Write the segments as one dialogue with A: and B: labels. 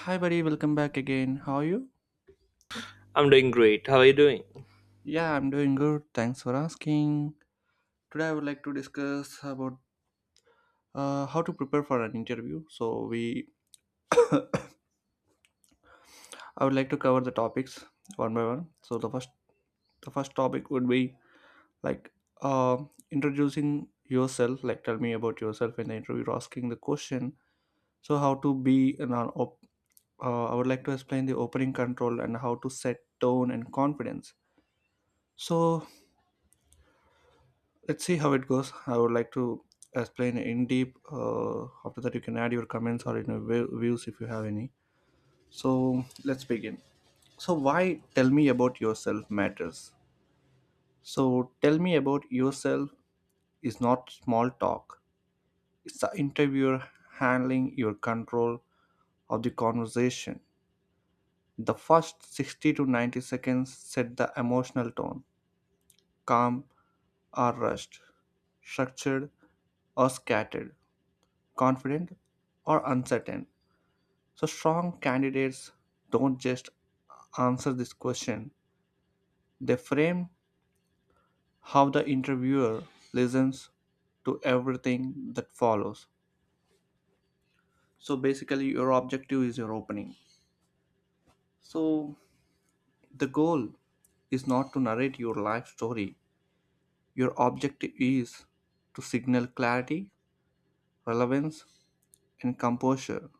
A: Hi, buddy, welcome back again. How are you?
B: I'm doing great. How are you doing?
A: Yeah, I'm doing good. Thanks for asking. Today, I would like to discuss about how to prepare for an interview. So, we I would like to cover the topics one by one. So, the first topic would be like uh, introducing yourself. Like, tell me about yourself in the interview, asking the question. So, how to be an I would like to explain the opening control and how to set tone and confidence. So let's see how it goes. I would like to explain in deep. After that you can add your comments or views if you have any. So let's begin. So why tell me about yourself matters. So tell me about yourself is not small talk. It's the interviewer handling your control of the conversation. The first 60 to 90 seconds set the emotional tone: calm or rushed, structured or scattered, confident or uncertain. So, strong candidates don't just answer this question, they frame how the interviewer listens to everything that follows. So, basically, your objective is your opening. So, the goal is not to narrate your life story, your objective is to signal clarity, relevance, and composure.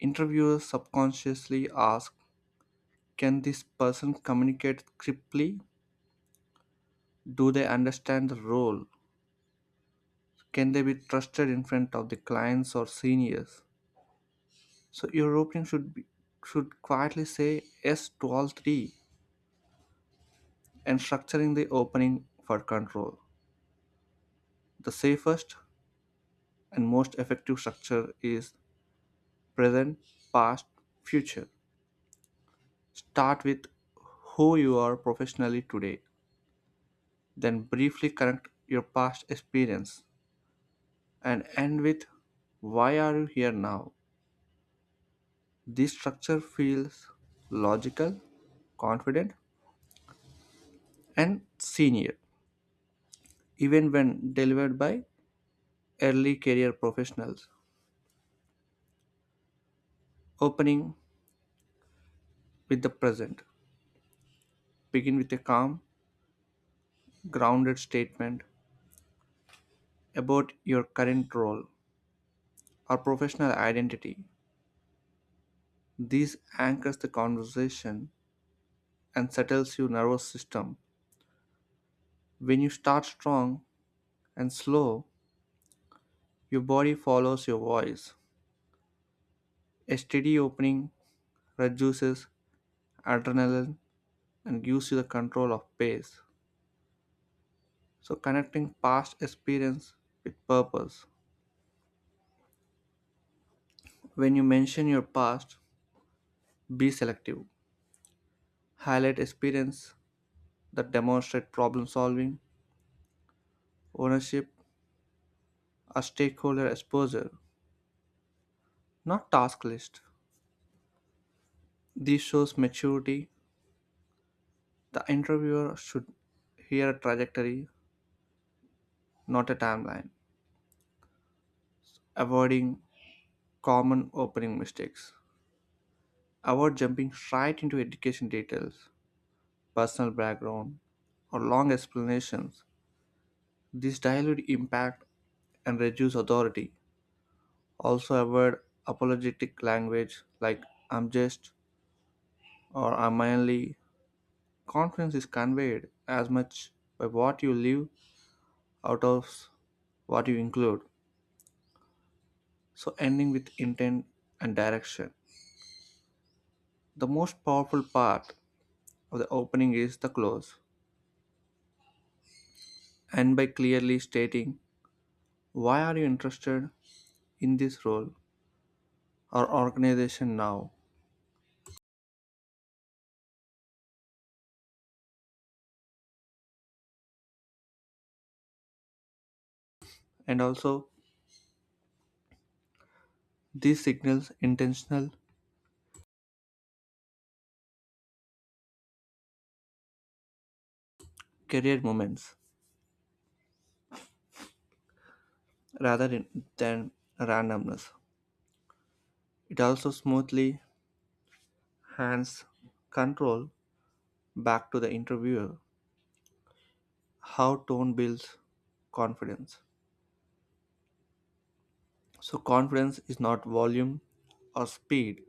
A: Interviewers subconsciously ask, can this person communicate cryptly? Do they understand the role? Can they be trusted in front of the clients or seniors? So your opening should be, should quietly say yes to all three, and structuring the opening for control. The safest and most effective structure is present, past, future. Start with who you are professionally today, then briefly connect your past experience and end with why are you here now. This structure feels logical, confident, and senior, even when delivered by early career professionals. Opening with the present. Begin with a calm, grounded statement about your current role or professional identity. This anchors the conversation and settles your nervous system. When you start strong and slow, your body follows your voice. A steady opening reduces adrenaline and gives you the control of pace. So, connecting past experience with purpose. When you mention your past, be selective. Highlight experience that demonstrate problem solving, ownership, or stakeholder exposure, not task list. This shows maturity. The interviewer should hear a trajectory, not a timeline. Avoiding common opening mistakes. Avoid jumping right into education details, personal background, or long explanations. These dilute impact and reduce authority. Also avoid apologetic language like I'm just or I'm only. Confidence is conveyed as much by what you leave out of what you include. So ending with intent and direction. The most powerful part of the opening is the close. And by clearly stating why are you interested in this role or organization now? And also, these signals intentional career movements rather than randomness. It also smoothly hands control back to the interviewer. How tone builds confidence. So, confidence is not volume or speed,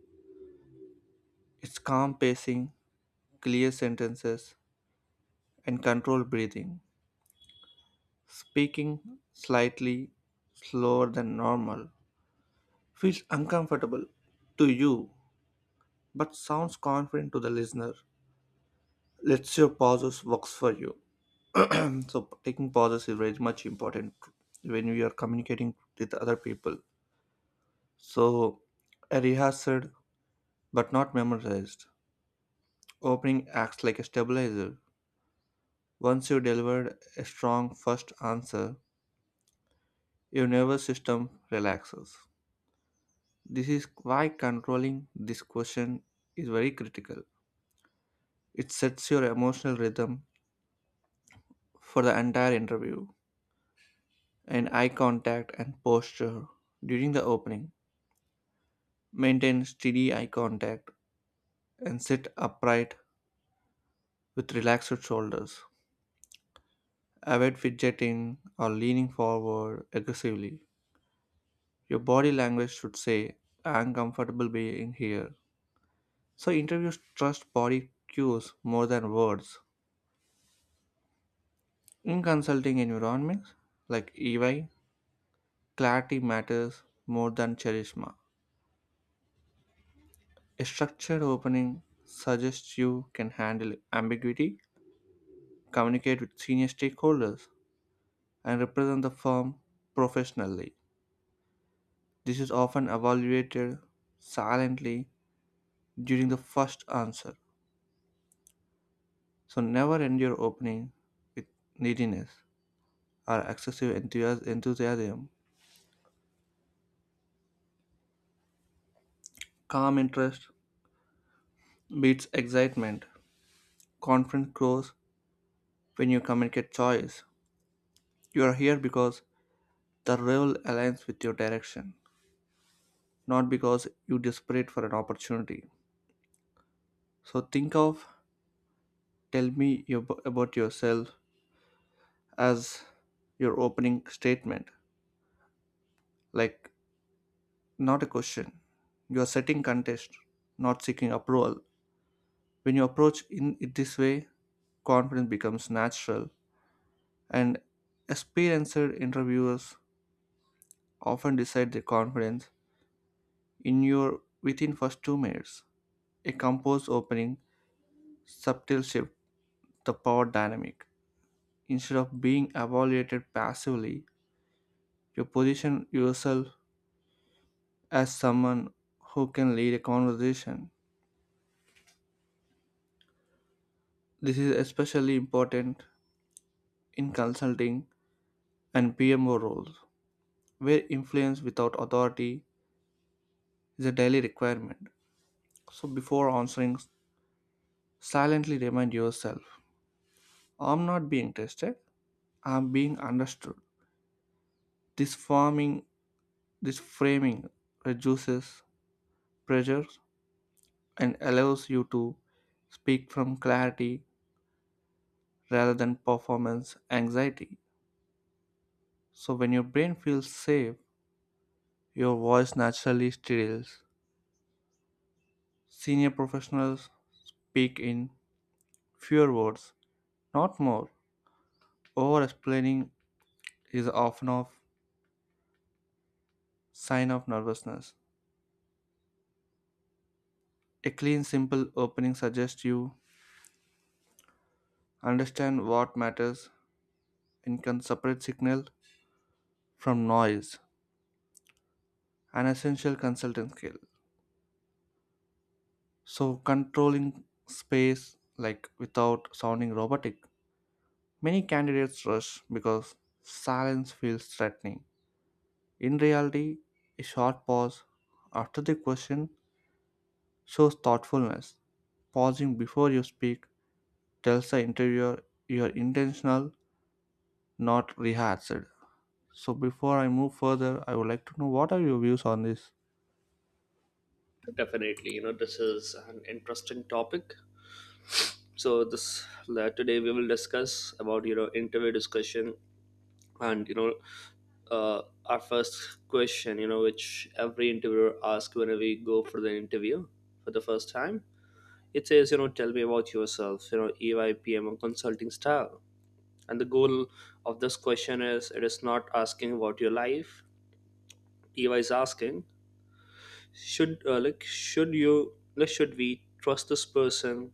A: it's calm pacing, clear sentences, and controlled breathing. Speaking slightly slower than normal feels uncomfortable to you but sounds confident to the listener. Let's see if pauses works for you. And so taking pauses is very much important when you are communicating with other people. So a rehearsed but not memorized opening acts like a stabilizer. Once you delivered a strong first answer, your nervous system relaxes. This is why controlling this question is very critical. It sets your emotional rhythm for the entire interview. And eye contact and posture during the opening. Maintain steady eye contact and sit upright with relaxed shoulders. Avoid fidgeting or leaning forward aggressively. Your body language should say, I'm comfortable being here. So, interviews trust body cues more than words. In consulting environments like EY, clarity matters more than charisma. A structured opening suggests you can handle ambiguity, communicate with senior stakeholders, and represent the firm professionally. This is often evaluated silently during the first answer. So never end your opening with neediness or excessive enthusiasm. Calm interest beats excitement. Confidence grows when you communicate choice. You are here because the role aligns with your direction, not because you desperate for an opportunity. So think of tell me about yourself as your opening statement, like not a question. You are setting contest, not seeking approval. When you approach in it this way, confidence becomes natural, and experienced interviewers often decide their confidence in your within first 2 minutes. A composed opening, subtle shift, the power dynamic. Instead of being evaluated passively, you position yourself as someone who can lead a conversation. This is especially important in consulting and PMO roles, where influence without authority is a daily requirement. So, before answering, silently remind yourself, I'm not being tested, I'm being understood. This forming, this framing reduces pressure and allows you to speak from clarity rather than performance anxiety. So, when your brain feels safe, your voice naturally steadies. Senior professionals speak in fewer words, not more. Over explaining is often a sign of nervousness. A clean, simple opening suggests you understand what matters and can separate signal from noise, an essential consulting skill. So, controlling space like without sounding robotic. Many candidates rush because silence feels threatening. In reality, a short pause after the question shows thoughtfulness. Pausing before you speak tells the interviewer you're intentional, not rehearsed. So before I move further, I would like to know what are your views on this?
B: Definitely, you know, this is an interesting topic. So today we will discuss about, you know, interview discussion, and, you know, our first question, you know, which every interviewer asks whenever we go for the interview for the first time. It says, you know, tell me about yourself, you know, EYPM or consulting style, and the goal of this question is it is not asking about your life. EY is asking, should like should you like should we trust this person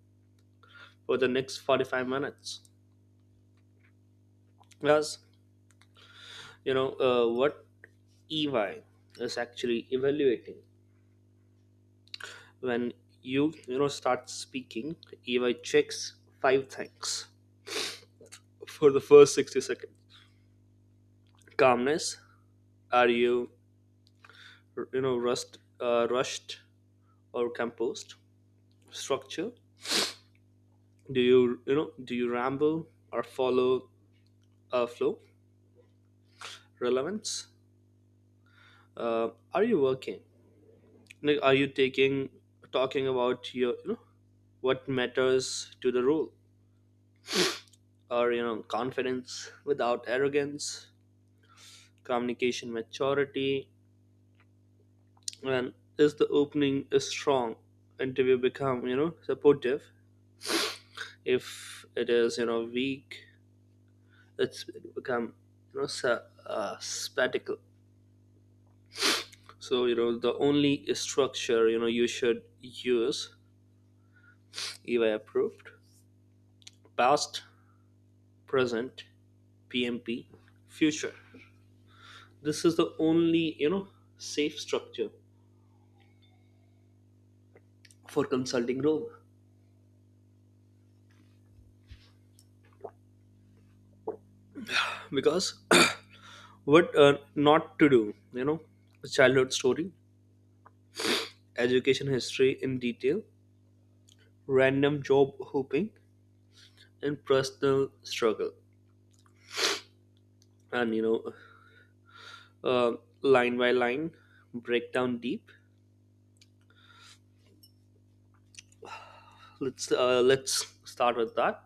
B: for the next 45 minutes? Because, you know, what ey is actually evaluating when you know start speaking, ey checks five things for the first 60 seconds. Calmness, are you, you know, rust rushed or composed? Structure, do you know, do you ramble or follow a flow? Relevance, are you working like are you taking talking about your, you know, what matters to the role? Or, you know, confidence without arrogance, communication maturity. And is the opening is strong, interview become, you know, supportive. If it is, you know, weak, it's become, you know, spectacle. So, you know, the only structure, you know, you should use if I approved: past, present, PMP, future. This is the only, you know, safe structure for consulting role. Because what not to do, you know: childhood story, education history in detail, random job hopping, and personal struggle. And, you know, uh, line by line breakdown deep. Let's start with that.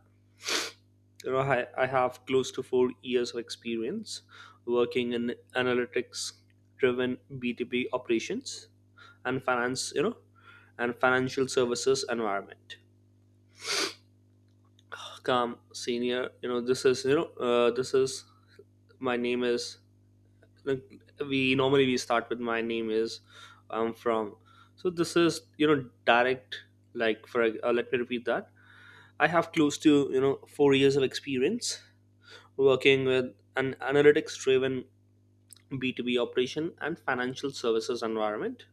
B: You know, I have close to 4 years of experience working in analytics driven B2B operations and finance, you know, and financial services environment. Come, senior, you know this is, you know, this is my name is, like, we normally we start with my name is, I'm from. So this is, you know, direct. Like for let me repeat that. I have close to, you know, 4 years of experience working with an analytics driven B2B operation and financial services environment.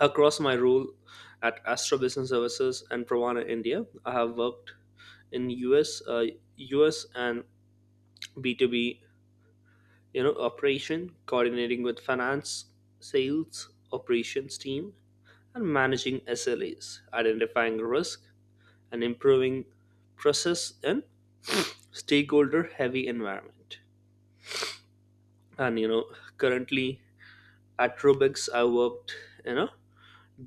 B: Across my role at Astra Business Services and Pravana India, I have worked in US and B2B, you know, operation, coordinating with finance, sales, operations team, and managing SLAs, identifying risk and improving process in stakeholder heavy environment. And, you know, currently at Rubix, I worked, you know,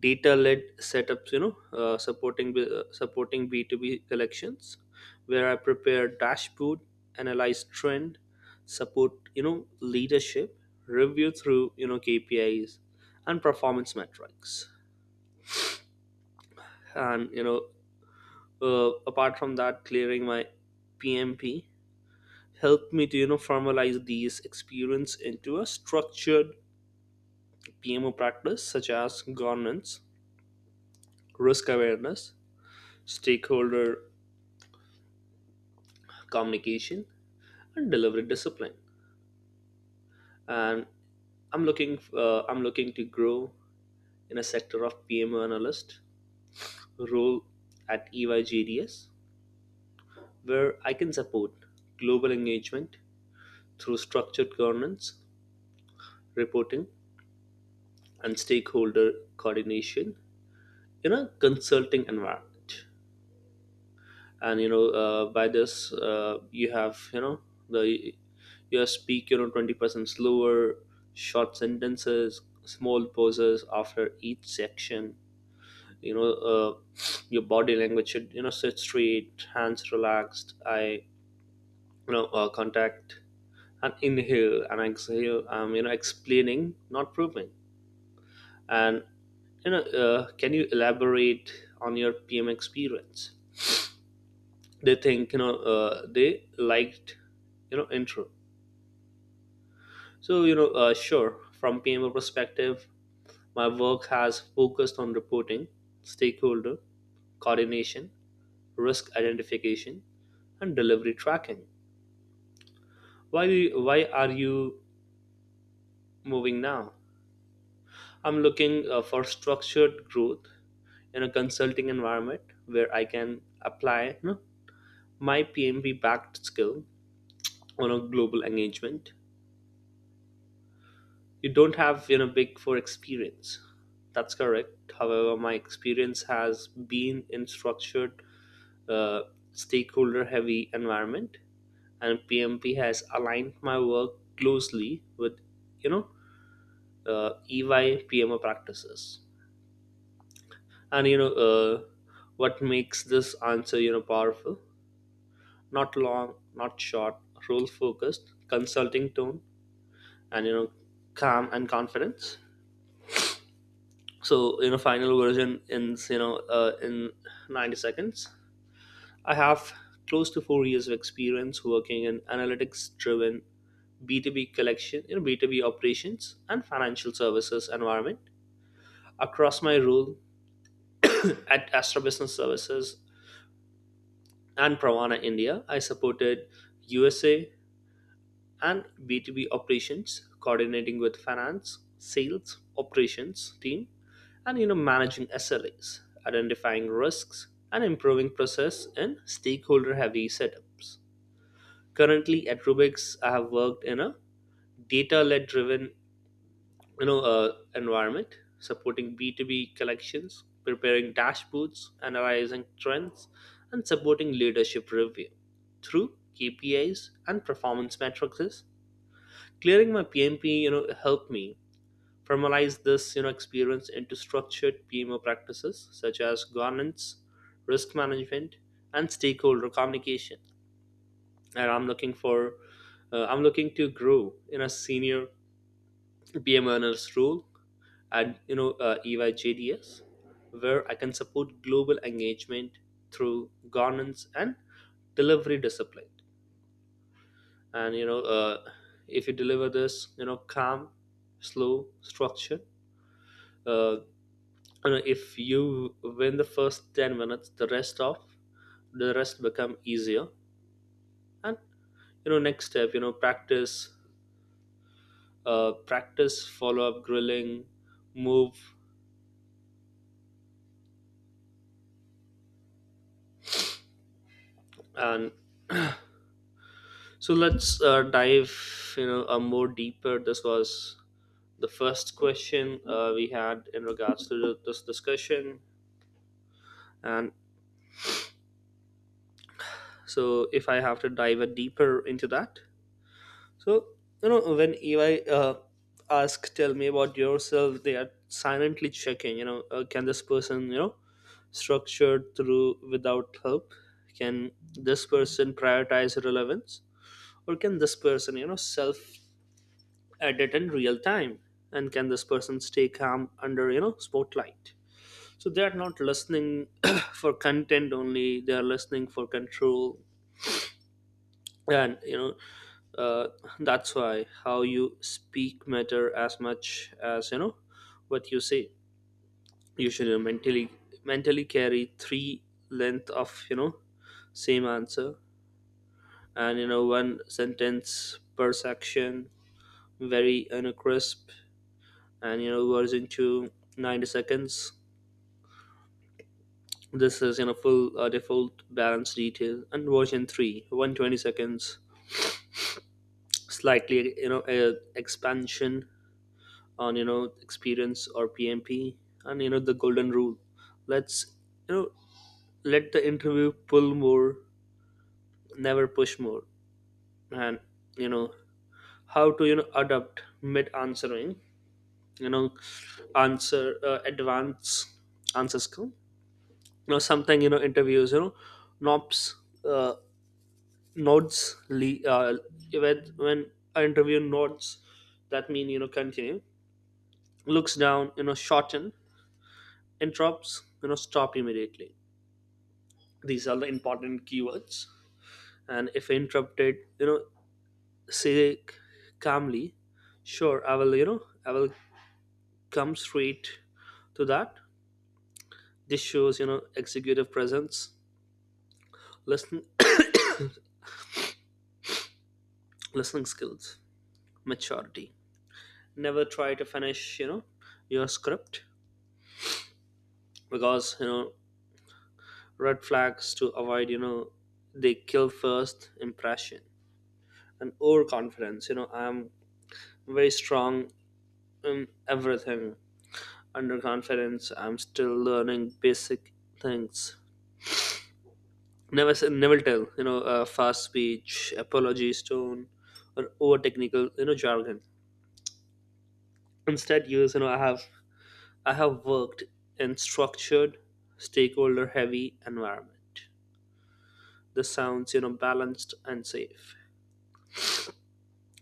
B: data-led setups, you know, supporting B2B collections, where I prepare dashboard, analyze trend, support, you know, leadership review through, you know, kpis and performance metrics. And, you know, apart from that, clearing my pmp helped me to, you know, formalize these experience into a structured pmo practice such as governance, risk awareness, stakeholder communication, and delivery discipline. And I'm looking to grow in a sector of PMO analyst role at EYGDS, where I can support global engagement through structured governance, reporting, and stakeholder coordination in a consulting environment. And, you know, by this, you have, you know, the you speak, you know, 20% slower, short sentences, small pauses after each section. You know, your body language should, you know, sit straight, hands relaxed, I you know contact, and inhale and exhale. I'm, you know, explaining, not proving. And, you know, can you elaborate on your pm experience? They think, you know, they liked, you know, intro. So, you know, sure, from pmo perspective my work has focused on reporting, stakeholder coordination, risk identification, and delivery tracking. Why are you moving now? I'm looking for structured growth in a consulting environment where I can apply, you know, my PMB backed skill on a global engagement. You don't have, you know, big four experience. That's correct. However, my experience has been in structured, uh, stakeholder heavy environment, and PMP has aligned my work closely with, you know, EY PMO practices. And, you know, what makes this answer, you know, powerful: not long, not short, role focused consulting tone, and, you know, calm and confidence. So, you know, final version in, you know, in 90 seconds: I have close to 4 years of experience working in analytics driven B2B collection, you know, B2B operations and financial services environment. Across my role at Astra Business Services and Pravana India, I supported USA and B2B operations, coordinating with finance, sales, operations team, and, you know, managing SLAs, identifying risks, and improving process in stakeholder-heavy setups. Currently at Rubix, I have worked in a data-led driven, you know, environment supporting B2B collections, preparing dashboards, analyzing trends, and supporting leadership review through kpis and performance metrics. Clearing my pmp, you know, helped me formalize this, you know, experience into structured pmo practices such as governance, risk management, and stakeholder communication. And i'm looking to grow in a senior BMNR's role and, you know, EYJDS, where I can support global engagement through governance and delivery discipline. And, you know, if you deliver this, you know, calm, slow, structure. Uh, you know, if you win the first 10 minutes, the rest become easier. And, you know, next step, you know, practice follow up grilling, move, and so let's dive, you know, a more deeper. This was the first question we had in regards to this discussion. And so if I have to dive a deeper into that, so, you know, when EY ask, tell me about yourself, they are silently checking. You know, can this person, you know, structured through without help? Can this person prioritize relevance, or can this person, you know, self edit in real time, and can this person stay calm under, you know, spotlight? So they are not listening for content only, they are listening for control. And, you know, uh, that's why how you speak matter as much as, you know, what you say. You should, mentally carry three length of, you know, same answer. And, you know, one sentence per section, very, you know, crisp. And, you know, version 2, 90 seconds this is, you know, full, default balance detail. And version 3, 120 seconds, slightly, you know, expansion on, you know, experience or pmp. And, you know, the golden rule, let's, you know, let the interview pull more, never push more. And, you know, how to, you know, adapt mid answering, you know, answer, advance answer skill, you know, something, you know, interviews, you know, nops uh, nods. Le- uh, when when an interview nods, that mean, you know, continue. Looks down, you know, shorten. Interrupts, you know, stop immediately. These are the important keywords. And if interrupted, you know, say calmly, sure i will come straight to that. This shows, you know, executive presence, listen listening skills, maturity. Never try to finish, you know, your script, because, you know, red flags to avoid, you know, they kill first impression. And overconfidence, you know, I'm very strong in everything. Underconfidence, I'm still learning basic things. Never say, never tell, you know, fast speech, apologies tone, or over technical, you know, jargon. Instead use, you know, I have worked in structured stakeholder heavy environment. This sounds, you know, balanced and safe.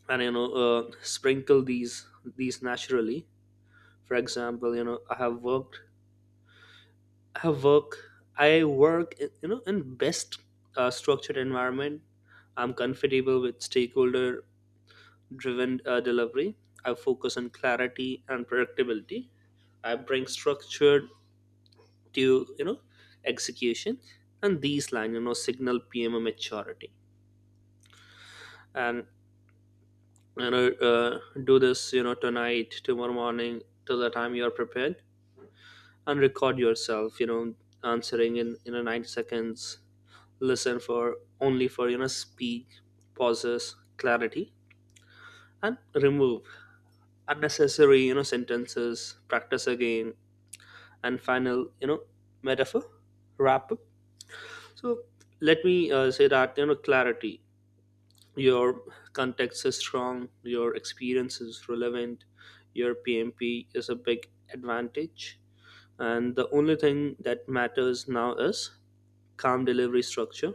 B: And, you know, sprinkle these naturally, for example, you know, I have worked I have work I work in, you know, in best, structured environment. I'm comfortable with stakeholder driven, delivery. I focus on clarity and predictability. I bring structure to, you know, execution. And these line, you know, signal pmo maturity. And, you know, do this, you know, tonight, tomorrow morning, till the time you are prepared. And record yourself, you know, answering in, you know, 9 seconds. Listen for, only for, you know, speak pauses, clarity, and remove unnecessary, you know, sentences. Practice again. And final, you know, metaphor wrap up. So let me, say that, you know, clarity, your context is strong, your experience is relevant, your pmp is a big advantage. And the only thing that matters now is calm delivery structure.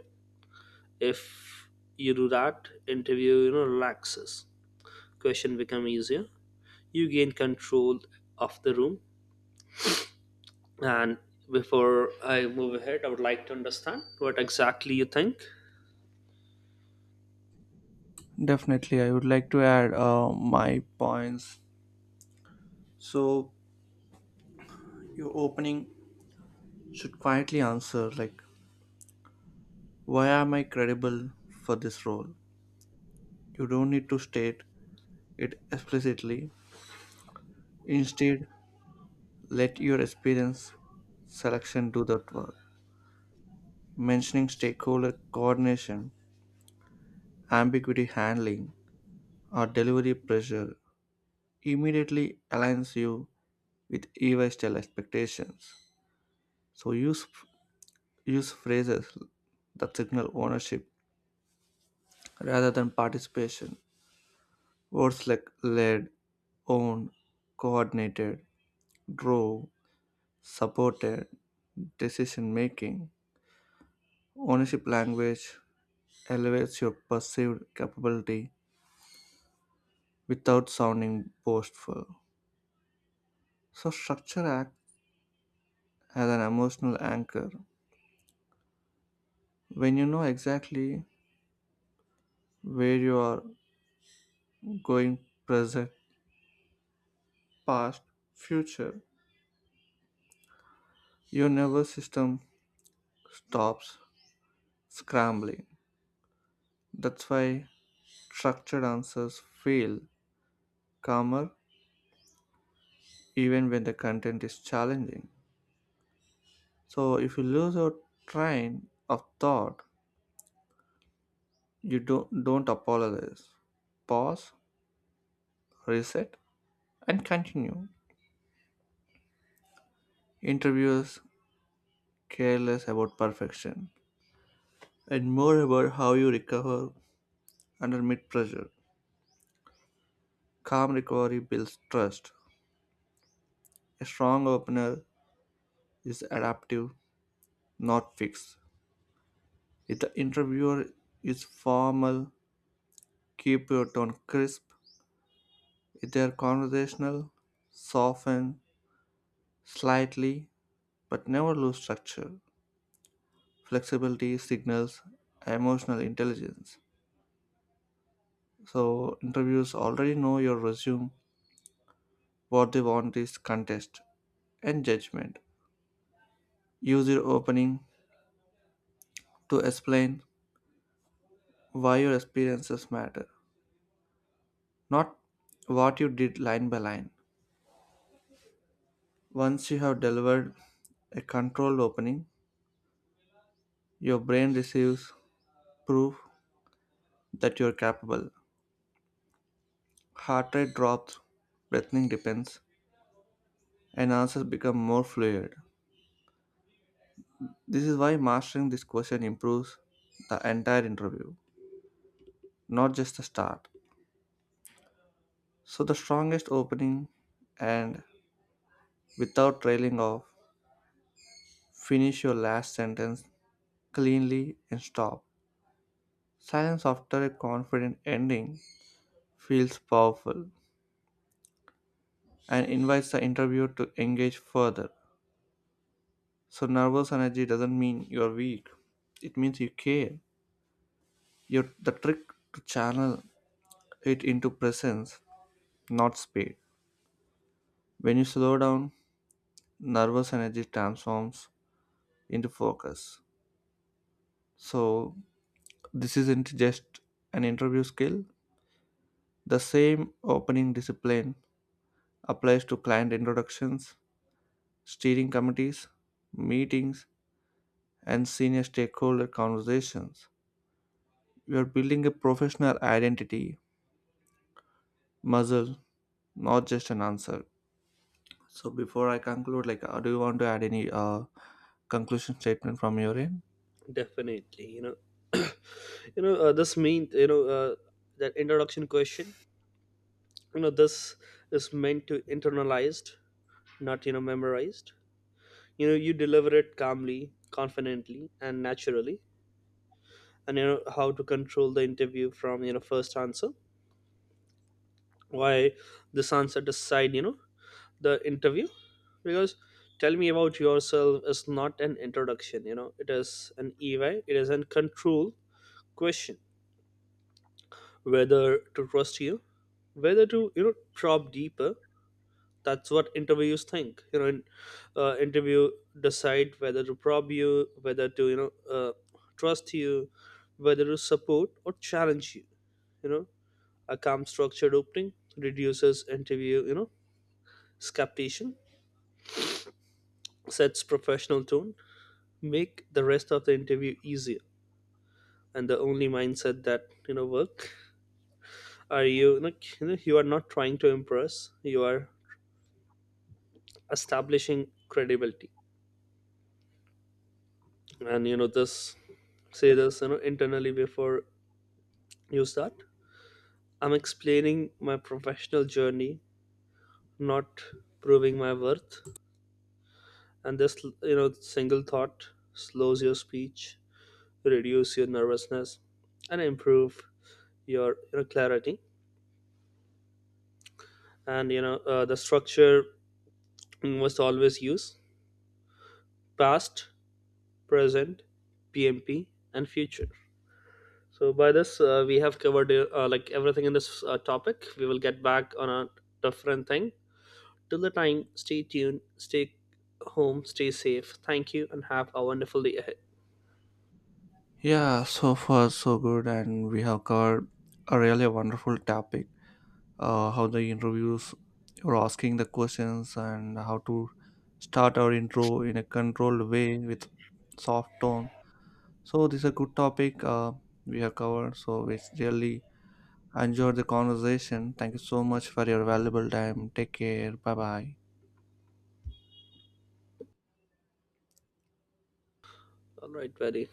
B: If you do that, interview, you know, relaxes, question become easier, you gain control of the room. And before I move ahead, I would like to understand what exactly you think.
A: Definitely, I would like to add my points. So your opening should quietly answer like, why am I credible for this role? You don't need to state it explicitly. Instead, let your experience selection do that work. Mentioning stakeholder coordination, ambiguity handling, or delivery pressure immediately aligns you with EY style expectations. So use phrases that signal ownership rather than participation. Words like led, owned, coordinated, drove, supported, decision making. Ownership language elevates your perceived capability without sounding boastful. So structure as an emotional anchor. When you know exactly where you are going, present, past, future, your nervous system stops scrambling. That's why structured answers feel calmer even when the content is challenging. So if you lose your train of thought, you don't apologize. Pause, reset, and continue. Interviewers careless about perfection and more about how you recover under mid pressure. Calm recovery builds trust. A strong opener is adaptive, not fixed. If the interviewer is formal, keep your tone crisp. If they are conversational, soften slightly but never lose structure. Flexibility signals emotional intelligence. So, interviews already know your resume, what they want is contest and judgment. Use your opening to explain why your experiences matter, not what you did line by line. Once you have delivered a controlled opening, your brain receives proof that you're capable. Heart rate drops, breathing depends, and answers become more fluid. This is why mastering this question improves the entire interview, not just the start. So, the strongest opening, and without trailing off, finish your last sentence cleanly and stop. Silence after a confident ending feels powerful and invites the interviewer to engage further. So, nervous energy doesn't mean you're weak, it means you care. You're the trick to channel it into presence, not speed. When you slow down, nervous energy transforms into focus. So, this isn't just an interview skill, the same opening discipline applies to client introductions, steering committees, meetings, and senior stakeholder conversations. You are building a professional identity, muzzle, not just an answer. So before I conclude, like, do you want to add any conclusion statement from your end?
B: Definitely, you know, you know, this means, you know, that introduction question. You know, this is meant to internalized, not, you know, memorized. You know, you deliver it calmly, confidently, and naturally. And, you know, how to control the interview from, you know, first answer. Why this answer decide, you know, the interview? Because tell me about yourself is not an introduction. You know, it is an EY. It is an control question, whether to trust you, whether to, you know, probe deeper. That's what interviews think. You know, interview decide whether to probe you, whether to, you know, trust you, whether to support or challenge you. You know, a calm structured opening reduces interview, you know, skepticism, sets professional tone, make the rest of the interview easier. And the only mindset that, you know, work are, you know, you are not trying to impress. You are establishing credibility. And, you know, this, say this, you know, internally before you start: I'm explaining my professional journey, not proving my worth. And this, you know, single thought slows your speech, reduce your nervousness, and improve your, you know, clarity. And, you know, the structure you must always use: past, present, pmp, and future. So by this, we have covered, like, everything in this, topic. We will get back on a different thing. Till the time, stay tuned, stay home, stay safe. Thank you, and have a wonderful day ahead.
A: Yeah, so far so good, and we have covered a really wonderful topic. How the interviews or asking the questions and how to start our intro in a controlled way with soft tone. So this is a good topic we have covered. So it's really, I enjoyed the conversation. Thank you so much for your valuable time. Take care. Bye bye.
B: All right, buddy.